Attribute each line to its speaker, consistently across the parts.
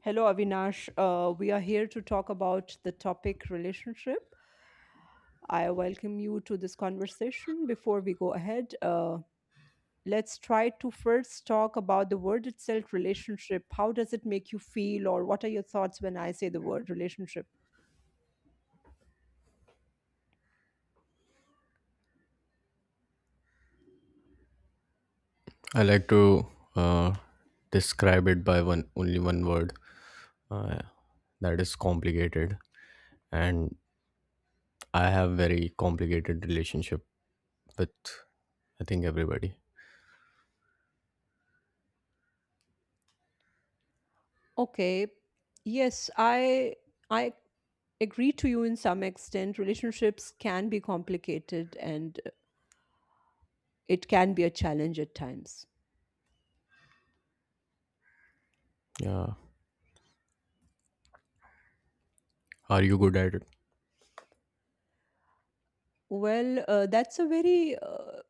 Speaker 1: Hello, Avinash. We are here to talk about the topic relationship. I welcome you to this conversation. Before we go ahead, let's try to first talk about the word itself relationship. How does it make you feel, or what are your thoughts when I say the word relationship?
Speaker 2: I like to uh, describe it by one only one word, uh, that is complicated, and I have very complicated relationship with, I think, everybody.
Speaker 1: Okay. Yes, I agree to you in some extent. Relationships can be complicated and it can be a challenge at times.
Speaker 2: Yeah, are you good at it?
Speaker 1: Well, that's a very,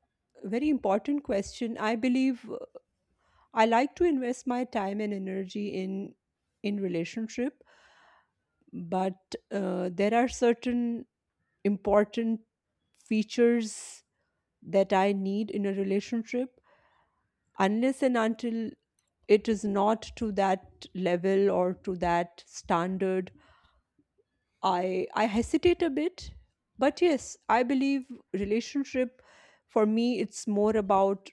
Speaker 1: very important question. I believe I like to invest my time and energy in relationship, but there are certain important features that I need in a relationship. Unless and until it is not to that level or to that standard I hesitate a bit, but yes, I believe relationship for me it's more about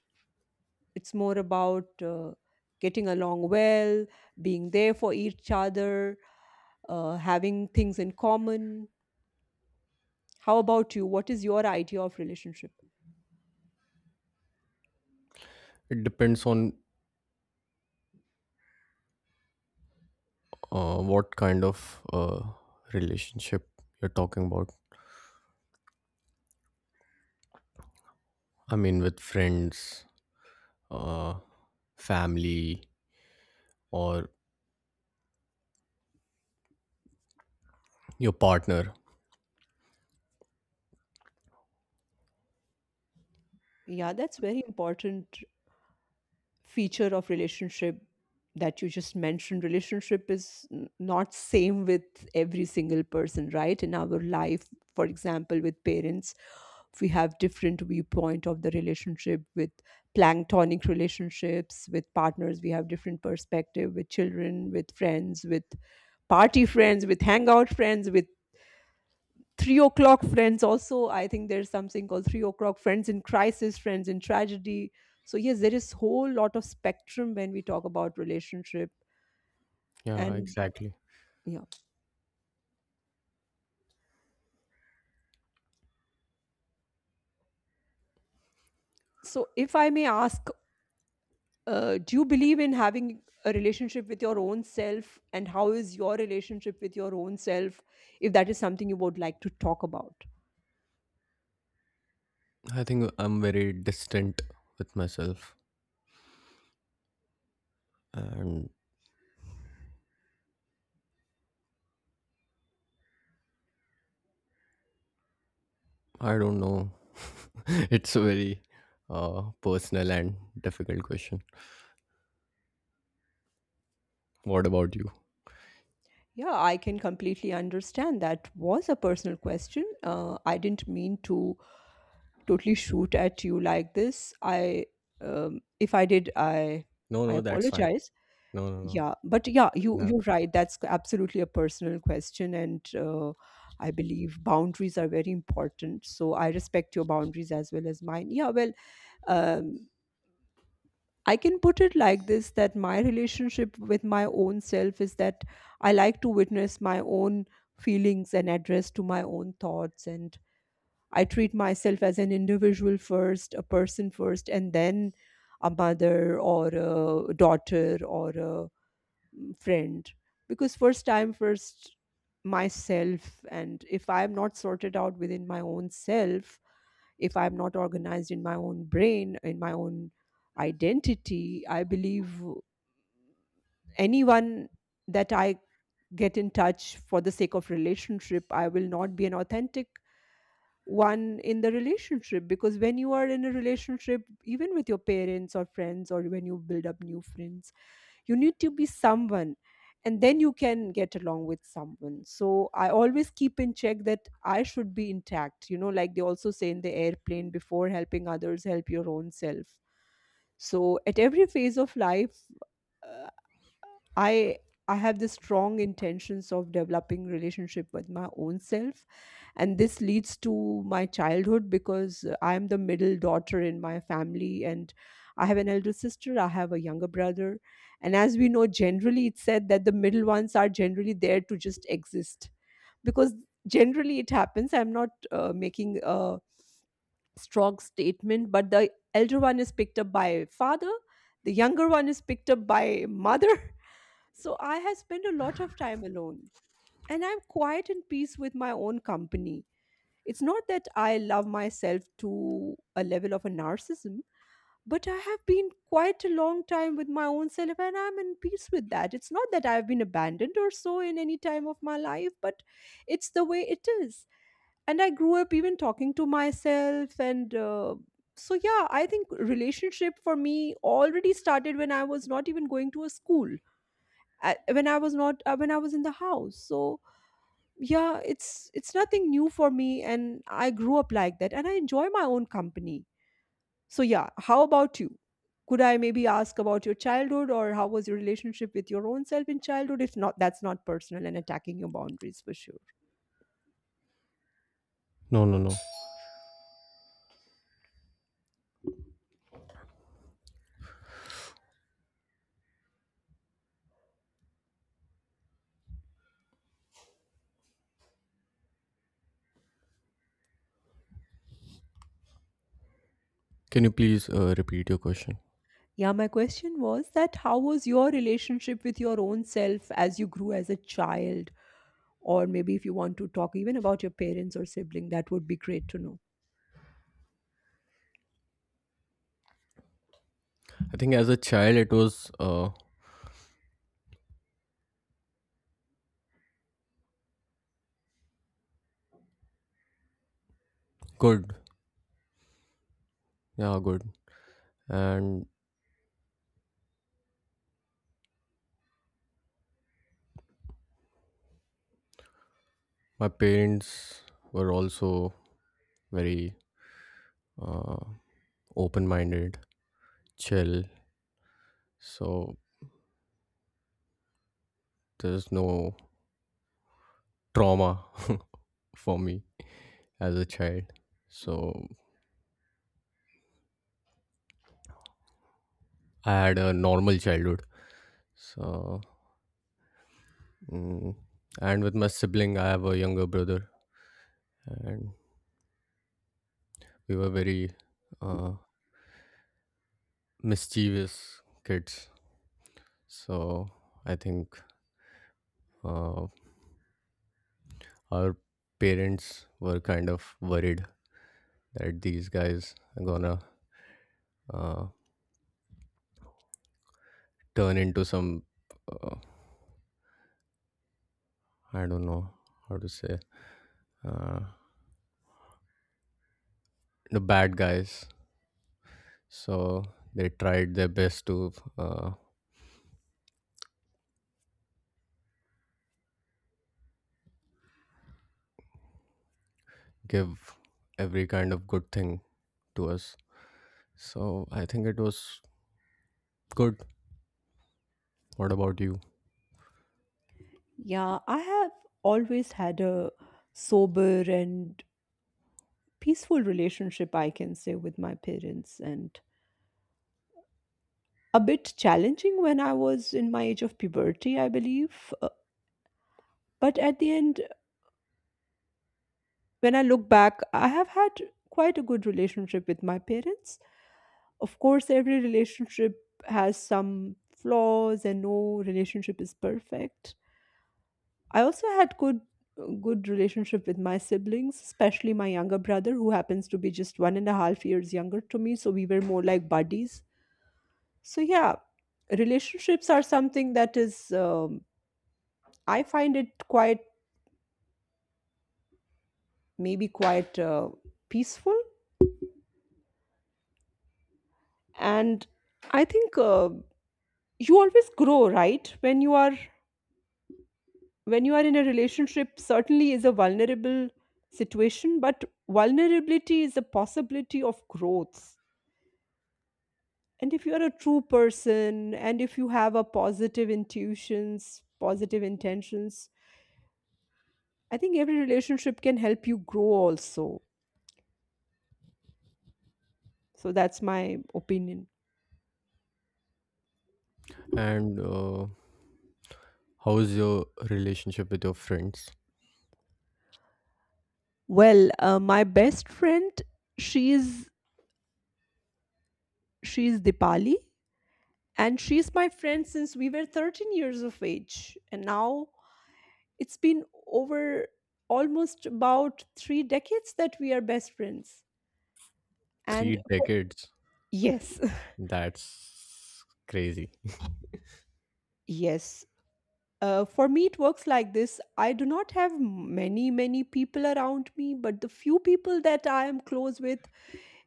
Speaker 1: it's more about uh, getting along well, being there for each other, having things in common, how about you? What is your idea of relationship?
Speaker 2: It depends on what kind of uh, relationship you're talking about. I mean, with friends, uh, family, or your partner.
Speaker 1: Yeah, that's very important feature of relationship that you just mentioned relationship is not same with every single person right in our life, for example with parents we have different viewpoint of the relationship with planktonic relationships, with partners we have different perspective, with children, with friends, with party friends, with hangout friends, with 3 o'clock friends also. I think there's something called 3 o'clock friends, in crisis friends, in tragedy. So yes, there is whole lot of spectrum when we talk about relationship.
Speaker 2: Yeah,
Speaker 1: And
Speaker 2: exactly.
Speaker 1: yeah, so if I may ask, do you believe in having a relationship with your own self, and how is your relationship with your own self, if that is something you would like to talk about?
Speaker 2: I think I'm very distant with myself, and I don't know. It's a very personal and difficult question. What about you?
Speaker 1: Yeah, I can completely understand. That was a personal question. I didn't mean to totally shoot at you like this. If I did,
Speaker 2: No,
Speaker 1: I
Speaker 2: no, that's fine.
Speaker 1: apologize.
Speaker 2: No, no, no.
Speaker 1: Yeah, but yeah, you
Speaker 2: No,
Speaker 1: you're right. That's absolutely a personal question, and I believe boundaries are very important. So I respect your boundaries as well as mine. Yeah, well, um, I can put it like this, that my relationship with my own self is that I like to witness my own feelings and address to my own thoughts. And I treat myself as an individual first, a person first, and then a mother or a daughter or a friend. Because first time, first myself. And if I'm not sorted out within my own self, if I'm not organized in my own brain, in my own identity, I believe anyone that I get in touch for the sake of relationship, I will not be an authentic one in the relationship. Because when you are in a relationship, even with your parents or friends, or when you build up new friends, you need to be someone, and then you can get along with someone. So I always keep in check that I should be intact, you know, like they also say in the airplane, before helping others help your own self. So at every phase of life, uh, i I have the strong intentions of developing relationship with my own self. And this leads to my childhood, because I am the middle daughter in my family, and I have an elder sister, I have a younger brother. And as we know, generally it's said that the middle ones are generally there to just exist, because generally it happens, I'm not making a strong statement, but the elder one is picked up by father, the younger one is picked up by mother. So I have spent a lot of time alone, and I'm quiet and peace with my own company. It's not that I love myself to a level of a narcissism, but I have been quite a long time with my own self and I'm in peace with that. It's not that I've been abandoned or so in any time of my life, but it's the way it is. And I grew up even talking to myself, and so yeah, I think relationship for me already started when I was not even going to a school, when I was not when I was in the house. So yeah, it's nothing new for me, and I grew up like that and I enjoy my own company. So yeah, how about you? Could I maybe ask about your childhood, or how was your relationship with your own self in childhood? If not, that's not personal and attacking your boundaries for sure.
Speaker 2: no, no, no. Can you please repeat your question?
Speaker 1: Yeah, my question was that how was your relationship with your own self as you grew as a child? Or maybe if you want to talk even about your parents or sibling, that would be great to know.
Speaker 2: I think as a child it was good. Yeah, good. And my parents were also very uh, open minded, chill. So there's no trauma for me as a child. So I had a normal childhood. So, mm, and with my sibling, I have a younger brother, and we were very uh, mischievous kids. So, I think uh, our parents were kind of worried that these guys are gonna uh, turn into some, uh, I don't know how to say, uh, the bad guys. So, they tried their best to give every kind of good thing to us. So I think it was good. What about you?
Speaker 1: Yeah, I have always had a sober and peaceful relationship, I can say, with my parents, and a bit challenging when I was in my age of puberty, I believe. But at the end, when I look back, I have had quite a good relationship with my parents. Of course, every relationship has some flaws and no relationship is perfect. I also had good relationship with my siblings, especially my younger brother who happens to be just 1.5 years younger to me, so we were more like buddies. So yeah, relationships are something that is, I find it quite, maybe quite peaceful. And I think, you always grow, right? When you are in a relationship, certainly is a vulnerable situation, but vulnerability is a possibility of growth. And if you are a true person and if you have a positive intentions, I think every relationship can help you grow also. So that's my opinion.
Speaker 2: And how is your relationship with your friends?
Speaker 1: Well, my best friend, she is she is dipali, and she's my friend since we were 13 years of age, and now it's been over almost about three decades that we are best friends.
Speaker 2: Three
Speaker 1: And
Speaker 2: decades.
Speaker 1: yes,
Speaker 2: That's crazy.
Speaker 1: yes. For me, it works like this. I do not have many, many people around me, but the few people that I am close with,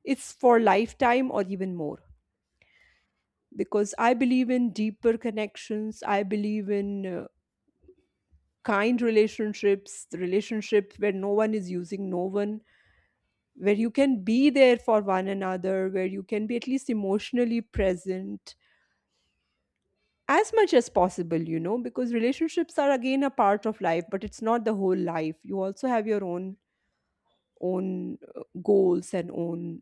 Speaker 1: it's for lifetime or even more. Because I believe in deeper connections. I believe in kind relationships, relationships where no one is using no one, where you can be there for one another, where you can be at least emotionally present as much as possible, you know, because relationships are again a part of life, but it's not the whole life. You also have your own goals and own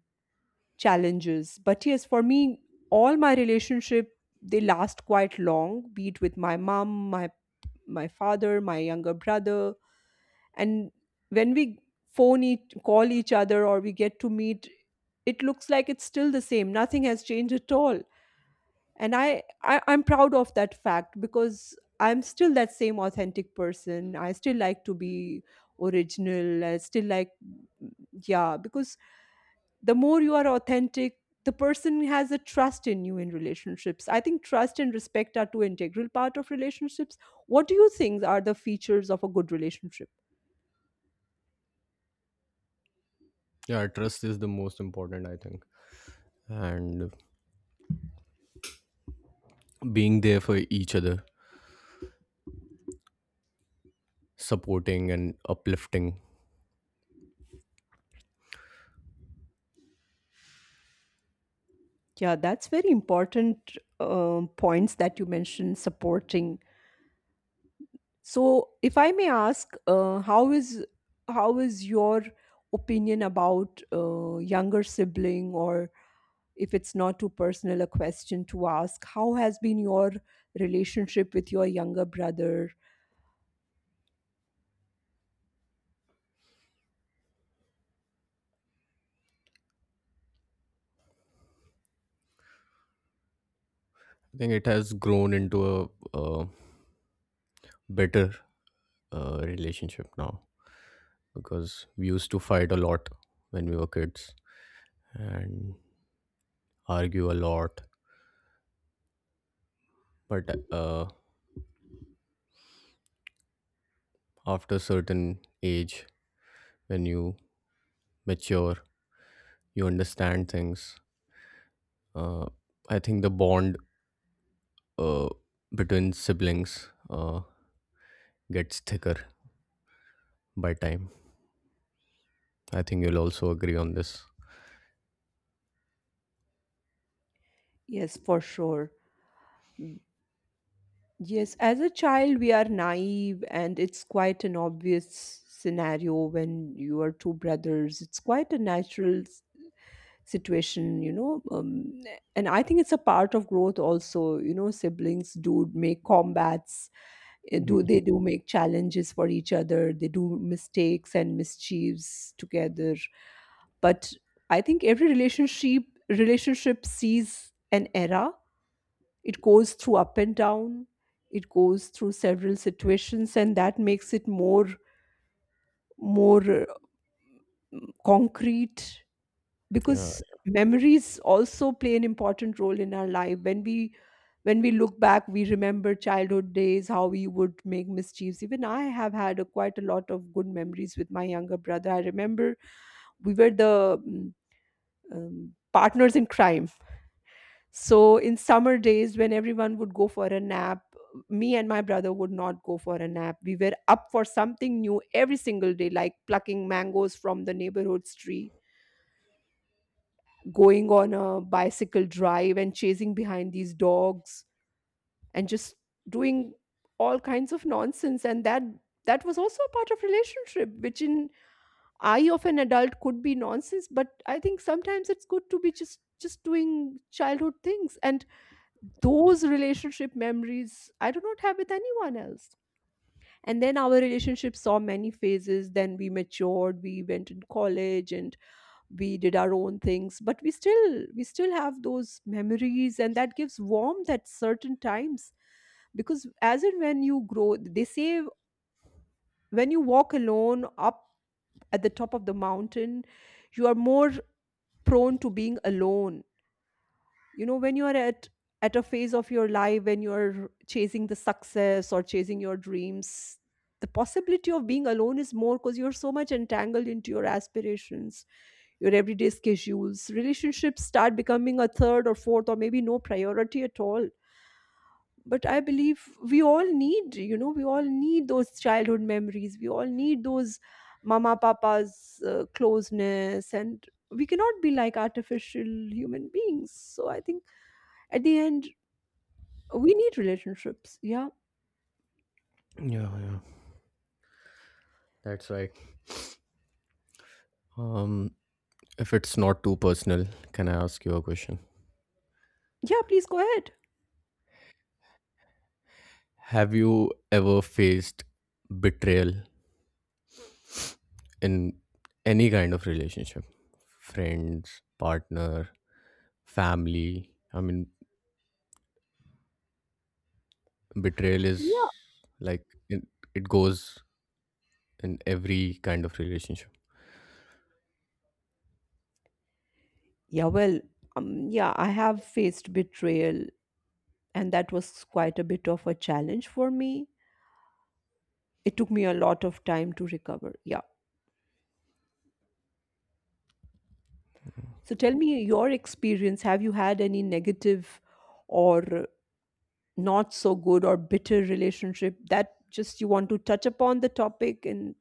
Speaker 1: challenges. But yes, for me, all my relationship they last quite long, be it with my mom, my father, my younger brother, and when we phone each call each other or we get to meet, it looks like it's still the same, nothing has changed at all. And I'm proud of that fact, because I'm still that same authentic person, I still like to be original, I still like, yeah, because the more you are authentic, the person has a trust in you. In relationships, I think trust and respect are two integral part of relationships. What do you think are the features of a good relationship?
Speaker 2: Yeah, trust is the most important, I think. And being there for each other, supporting and uplifting.
Speaker 1: Yeah, that's very important points that you mentioned, supporting. So, if I may ask, how is, your opinion about younger sibling? Or if it's not too personal a question to ask, how has been your relationship with your younger brother?
Speaker 2: I think it has grown into a, uh better relationship now, because we used to fight a lot when we were kids and argue a lot. But after a certain age, when you mature, you understand things. uh, I think the bond uh, between siblings gets thicker by time. I think you'll also agree on this.
Speaker 1: Yes, for sure. Yes, as a child, we are naive, and it's quite an obvious scenario when you are two brothers. It's quite a natural situation, you know. And I think it's a part of growth also. You know, siblings do make combats,
Speaker 2: Mm,
Speaker 1: do make challenges for each other, they do mistakes and mischiefs together. But I think every relationship, sees an era, it goes through up and down. It goes through several situations, and that makes it more concrete,
Speaker 2: yeah,
Speaker 1: because memories also play an important role in our life. When we, look back, we remember childhood days, how we would make mischiefs. Even I have had a, quite a lot of good memories with my younger brother. I remember we were the partners in crime. So in summer days, when everyone would go for a nap, me and my brother would not go for a nap. We were up for something new every single day, like plucking mangoes from the neighborhood's tree, going on a bicycle drive and chasing behind these dogs, and just doing all kinds of nonsense. And that that was also a part of relationship, which in eye of an adult could be nonsense, but I think sometimes it's good to be just doing childhood things. And those relationship memories I do not have with anyone else. And then our relationship saw many phases. Then we matured, we went in college and we did our own things. But we still have those memories and that gives warmth at certain times. Because as and when you grow, they say, when you walk alone up at the top of the mountain, you are more prone to being alone, when you are at a phase of your life when you are chasing the success or chasing your dreams, the possibility of being alone is more because you're so much entangled into your aspirations, your everyday schedules. Relationships start becoming a third or fourth or maybe no priority at all. But I believe we all need, we all need those childhood memories, we all need those mama papa's closeness, and we cannot be like artificial human beings. So I think at the end, we need relationships. Yeah.
Speaker 2: yeah, yeah, that's right. um if it's not too personal, can I ask you a question?
Speaker 1: Yeah, please go ahead.
Speaker 2: Have you ever faced betrayal in any kind of relationship? Friends, partner, family, I mean, betrayal is,
Speaker 1: Yeah.
Speaker 2: like, it goes in every kind of relationship.
Speaker 1: Yeah, well, yeah, I have faced betrayal, and that was quite a bit of a challenge for me. It took me a lot of time to recover. Yeah. So tell me your experience. Have you had any negative or not so good or bitter relationship that just you want to touch upon the topic, and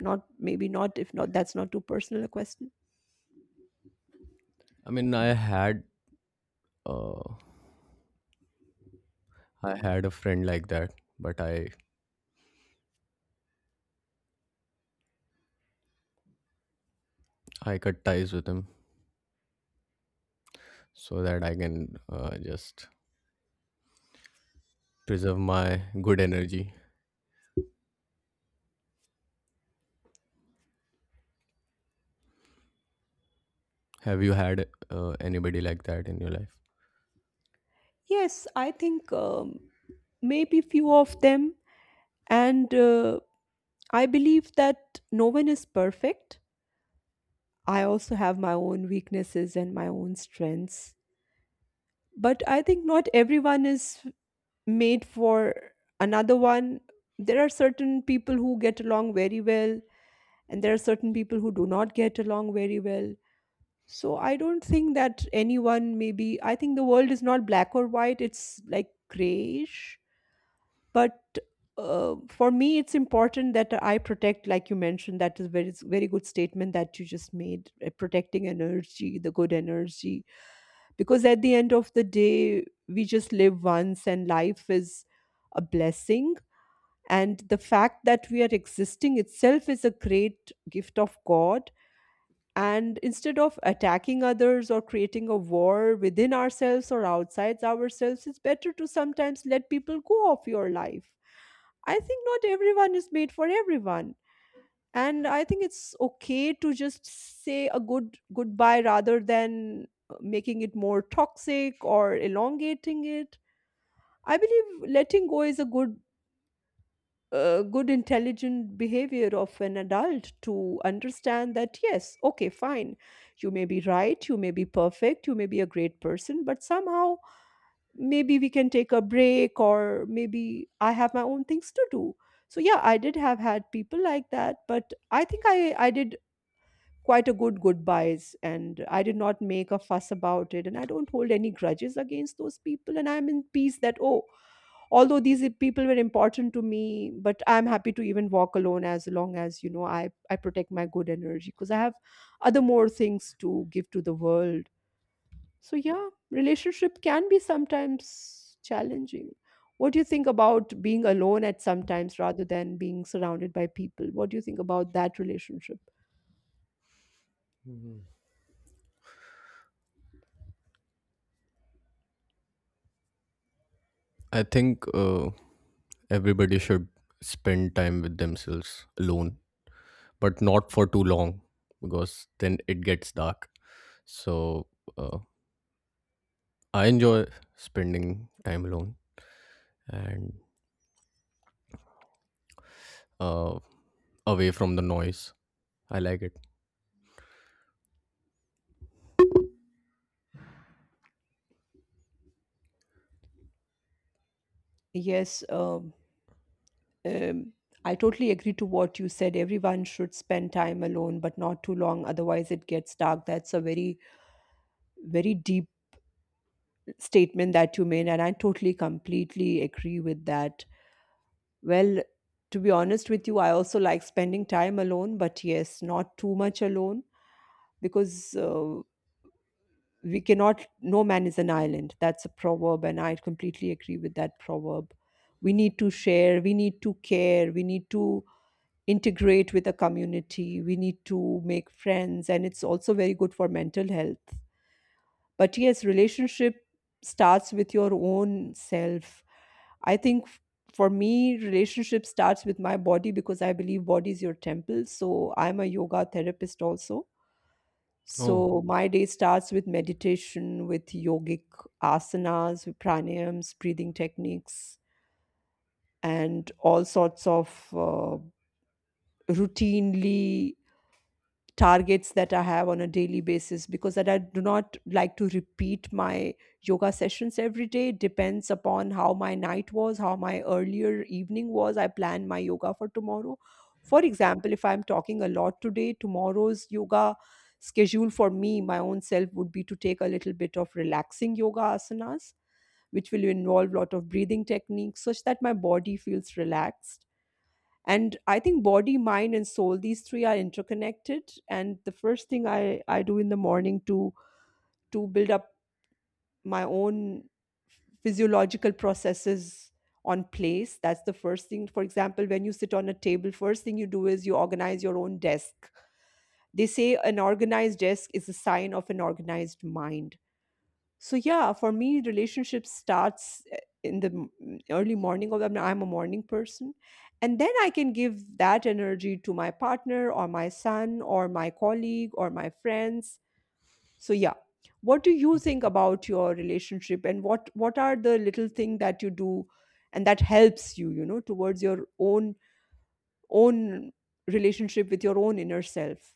Speaker 1: not, maybe not, if not, that's not too personal a question?
Speaker 2: I mean, uh, I had a friend like that, but I cut ties with him, so that I can just preserve my good energy. Have you had anybody like that in your life?
Speaker 1: Yes, I think maybe few of them. And I believe that no one is perfect. I also have my own weaknesses and my own strengths. But I think not everyone is made for another one. There are certain people who get along very well, and there are certain people who do not get along very well. So I don't think that anyone, maybe, I think the world is not black or white, it's like grayish. But for me it's important that I protect, like you mentioned, that is very it's very good statement that you just made, protecting energy, the good energy. Because at the end of the day we just live once, and life is a blessing, and the fact that we are existing itself is a great gift of God. And instead of attacking others or creating a war within ourselves or outside ourselves, it's better to sometimes let people go of your life. I think not everyone is made for everyone. And I think it's okay to just say a good goodbye rather than making it more toxic or elongating it. I believe letting go is a good intelligent behavior of an adult to understand that, yes, okay, fine, you may be right, you may be perfect, you may be a great person, but somehow maybe we can take a break or maybe I have my own things to do. So yeah, I did have had people like that, but I think I did quite a good goodbyes, and I did not make a fuss about it, and I don't hold any grudges against those people, and I'm in peace that, oh, although these people were important to me, but I'm happy to even walk alone as long as, I protect my good energy because I have other more things to give to the world. So yeah, relationship can be sometimes challenging. What do you think about being alone at sometimes rather than being surrounded by people? What do you think about that relationship?
Speaker 2: I think everybody should spend time with themselves alone, but not for too long, because then it gets dark. So uh, I enjoy spending time alone, and uh, away from the noise. I like it.
Speaker 1: Yes, um, I totally agree to what you said. Everyone should spend time alone, but not too long. Otherwise, it gets dark. That's a very, very deep statement that you made, and I totally completely agree with that. Well, to be honest with you, I also like spending time alone, but yes, not too much alone because we cannot, no man is an island. That's a proverb, and I completely agree with that proverb. We need to share, we need to care, we need to integrate with a community, we need to make friends, and it's also very good for mental health. But yes, relationship starts with your own self. I think for me, relationship starts with my body because I believe body is your temple. So I'm a yoga therapist also.
Speaker 2: Oh,
Speaker 1: So my day starts with meditation, with yogic asanas, with pranayams, breathing techniques, and all sorts of routinely targets that I have on a daily basis, because that I do not like to repeat my yoga sessions every day. It depends upon how my night was, how my earlier evening was. I plan my yoga for tomorrow. For example, if I'm talking a lot today, tomorrow's yoga schedule for me, my own self, would be to take a little bit of relaxing yoga asanas, which will involve a lot of breathing techniques such that my body feels relaxed. And I think body, mind and soul, these three are interconnected. And the first thing I do in the morning to build up my own physiological processes on place, that's the first thing. For example, when you sit on a table, first thing you do is you organize your own desk. They say an organized desk is a sign of an organized mind. So yeah, for me, relationship starts in the early morning. Of I'm a morning person, and then I can give that energy to my partner or my son or my colleague or my friends. So yeah, what do you think about your relationship, and what are the little thing that you do, and that helps you, towards your own relationship with your own inner self?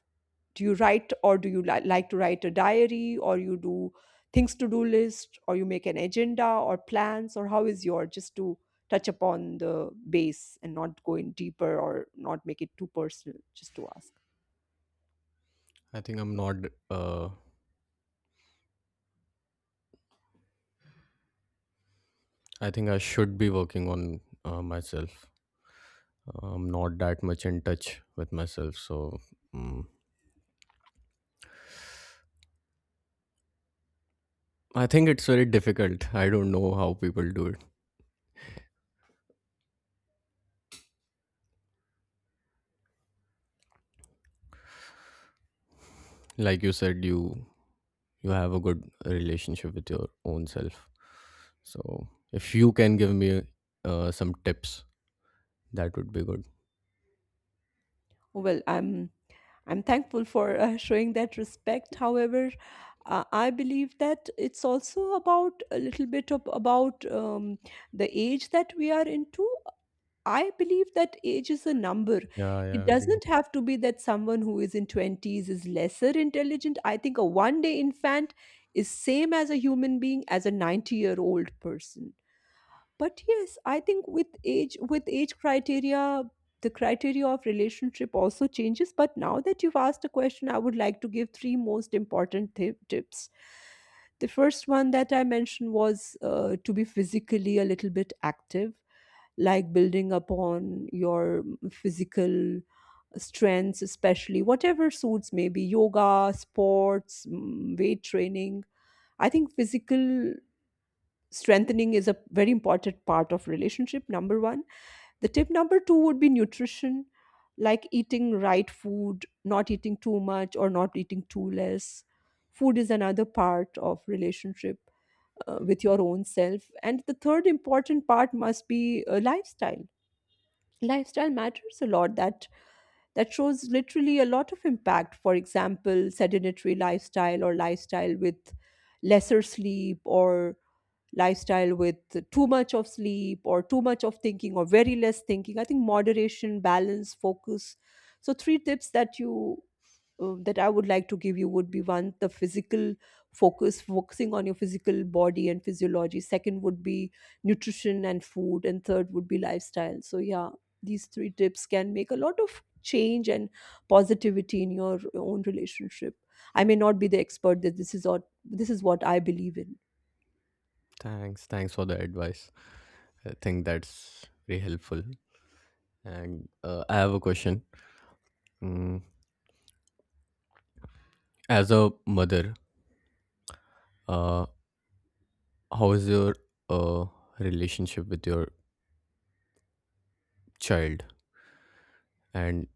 Speaker 1: Do you write or do you like to write a diary, or you do things to do list, or you make an agenda or plans, or how is your, just to touch upon the base and not go in deeper or not make it too personal, just to ask.
Speaker 2: I think I'm not. Uh, I think I should be working on myself. I'm not that much in touch with myself, so mm I think it's very difficult. I don't know how people do it. Like you said, you have a good relationship with your own self. So if you can give me some tips, that would be good.
Speaker 1: Well, I'm thankful for showing that respect. However, I believe that it's also about a little bit of about the age that we are into. I believe that age is a number.
Speaker 2: Yeah,
Speaker 1: It
Speaker 2: yeah, agree.
Speaker 1: doesn't have to be that someone who is in 20s is lesser intelligent. I think a one day infant is same as a human being as a 90-year-old person. But yes, I think with age criteria, the criteria of relationship also changes. But now that you've asked a question, I would like to give three most important tips. The first one that I mentioned was to be physically a little bit active, like building upon your physical strengths, especially whatever suits, maybe yoga, sports, weight training. I think physical strengthening is a very important part of relationship, number 1. The tip number 2 would be nutrition, like eating right food, not eating too much or not eating too less. Food is another part of relationship, with your own self. And the third important part must be a lifestyle. Lifestyle matters a lot. That shows literally a lot of impact. For example, sedentary lifestyle, or lifestyle with lesser sleep, or lifestyle with too much of sleep or too much of thinking or very less thinking. I think moderation, balance, focus. So three tips that you that I would like to give you would be one, the physical focus, focusing on your physical body and physiology. Second would be nutrition and food. And third would be lifestyle. So, yeah, these three tips can make a lot of change and positivity in your own relationship. I may not be the expert, that this is what I believe in.
Speaker 2: Thanks, thanks for the advice. I think that's very helpful. And I have a question. Mm, as a mother, uh, how is your uh, relationship with your child, and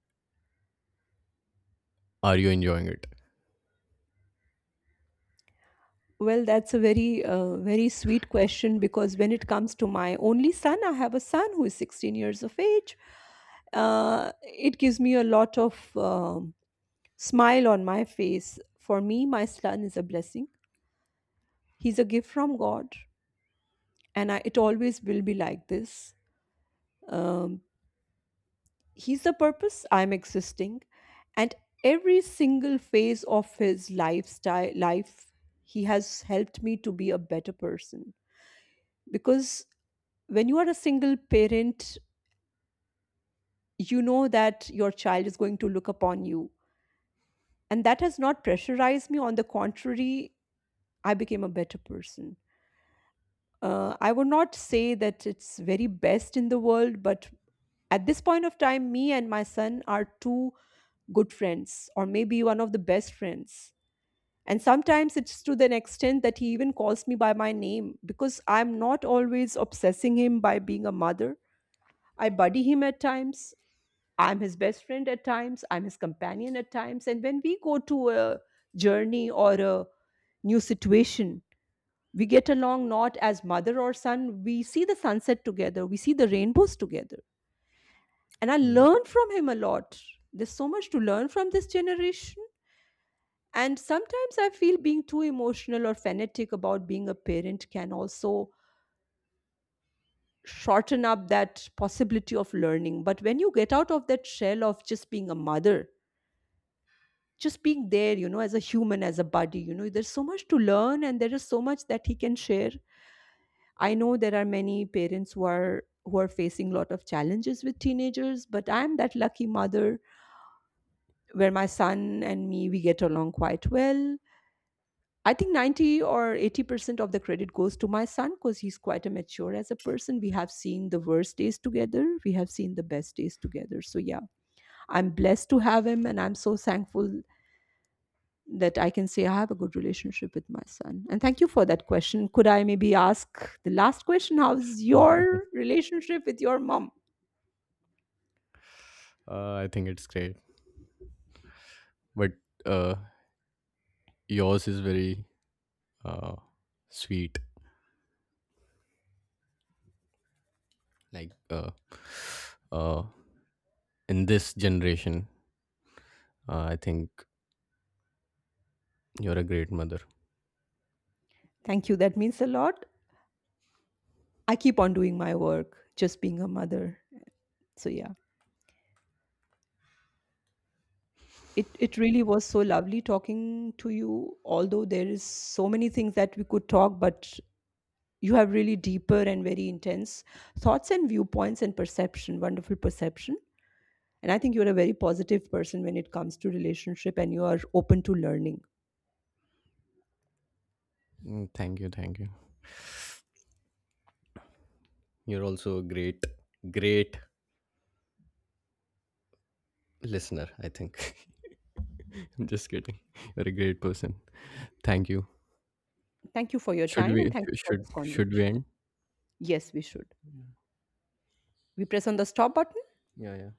Speaker 2: are you enjoying it?
Speaker 1: Well, that's a very, very sweet question because when it comes to my only son, I have a son who is 16 years of age. It gives me a lot of smile on my face. For me, my son is a blessing. He's a gift from God, and it always will be like this. Um, he's the purpose I'm existing, and every single phase of his life, he has helped me to be a better person because when you are a single parent, you know that your child is going to look upon you. And that has not pressurized me. On the contrary, I became a better person. I would not say that it's very best in the world, but at this point of time, me and my son are two good friends, or maybe one of the best friends. And sometimes it's to the extent that he even calls me by my name because I'm not always obsessing him by being a mother. I buddy him at times. I'm his best friend at times, I'm his companion at times. And when we go to a journey or a new situation, we get along not as mother or son. We see the sunset together, we see the rainbows together. And I
Speaker 2: Mm.
Speaker 1: learn from him a lot. There's so much to learn from this generation. And sometimes I feel being too emotional or fanatic about being a parent can also shorten up that possibility of learning. But when you get out of that shell of just being a mother, just being there, as a human, as a buddy, there's so much to learn and there is so much that he can share. I know there are many parents who are facing a lot of challenges with teenagers, but I'm that lucky mother where my son and me, we get along quite well. I think 90 or 80% of the credit goes to my son because he's quite a mature as a person. We have seen the worst days together, we have seen the best days together. So yeah, I'm blessed to have him and I'm so thankful that I can say I have a good relationship with my son. And thank you for that question. Could I maybe ask the last question? How's your relationship with your mom?
Speaker 2: I think it's great, but uh, yours is very uh, sweet. Like, uh, in this generation, I think you're a great mother.
Speaker 1: Thank you. That means a lot. I keep on doing my work, just being a mother. So yeah. It really was so lovely talking to you, although there is so many things that we could talk, but you have really deeper and very intense thoughts and viewpoints and perception, wonderful perception. And I think you're a very positive person when it comes to relationship and you are open to learning.
Speaker 2: Mm, thank you, thank you. You're also a great, great listener, I think. I'm just kidding. You're a great person. Thank you.
Speaker 1: Thank you for your
Speaker 2: Should
Speaker 1: time
Speaker 2: we
Speaker 1: and thank you for
Speaker 2: should
Speaker 1: this
Speaker 2: should we
Speaker 1: conversation.
Speaker 2: end?
Speaker 1: Yes, we should. We press on the stop button.
Speaker 2: Yeah, yeah.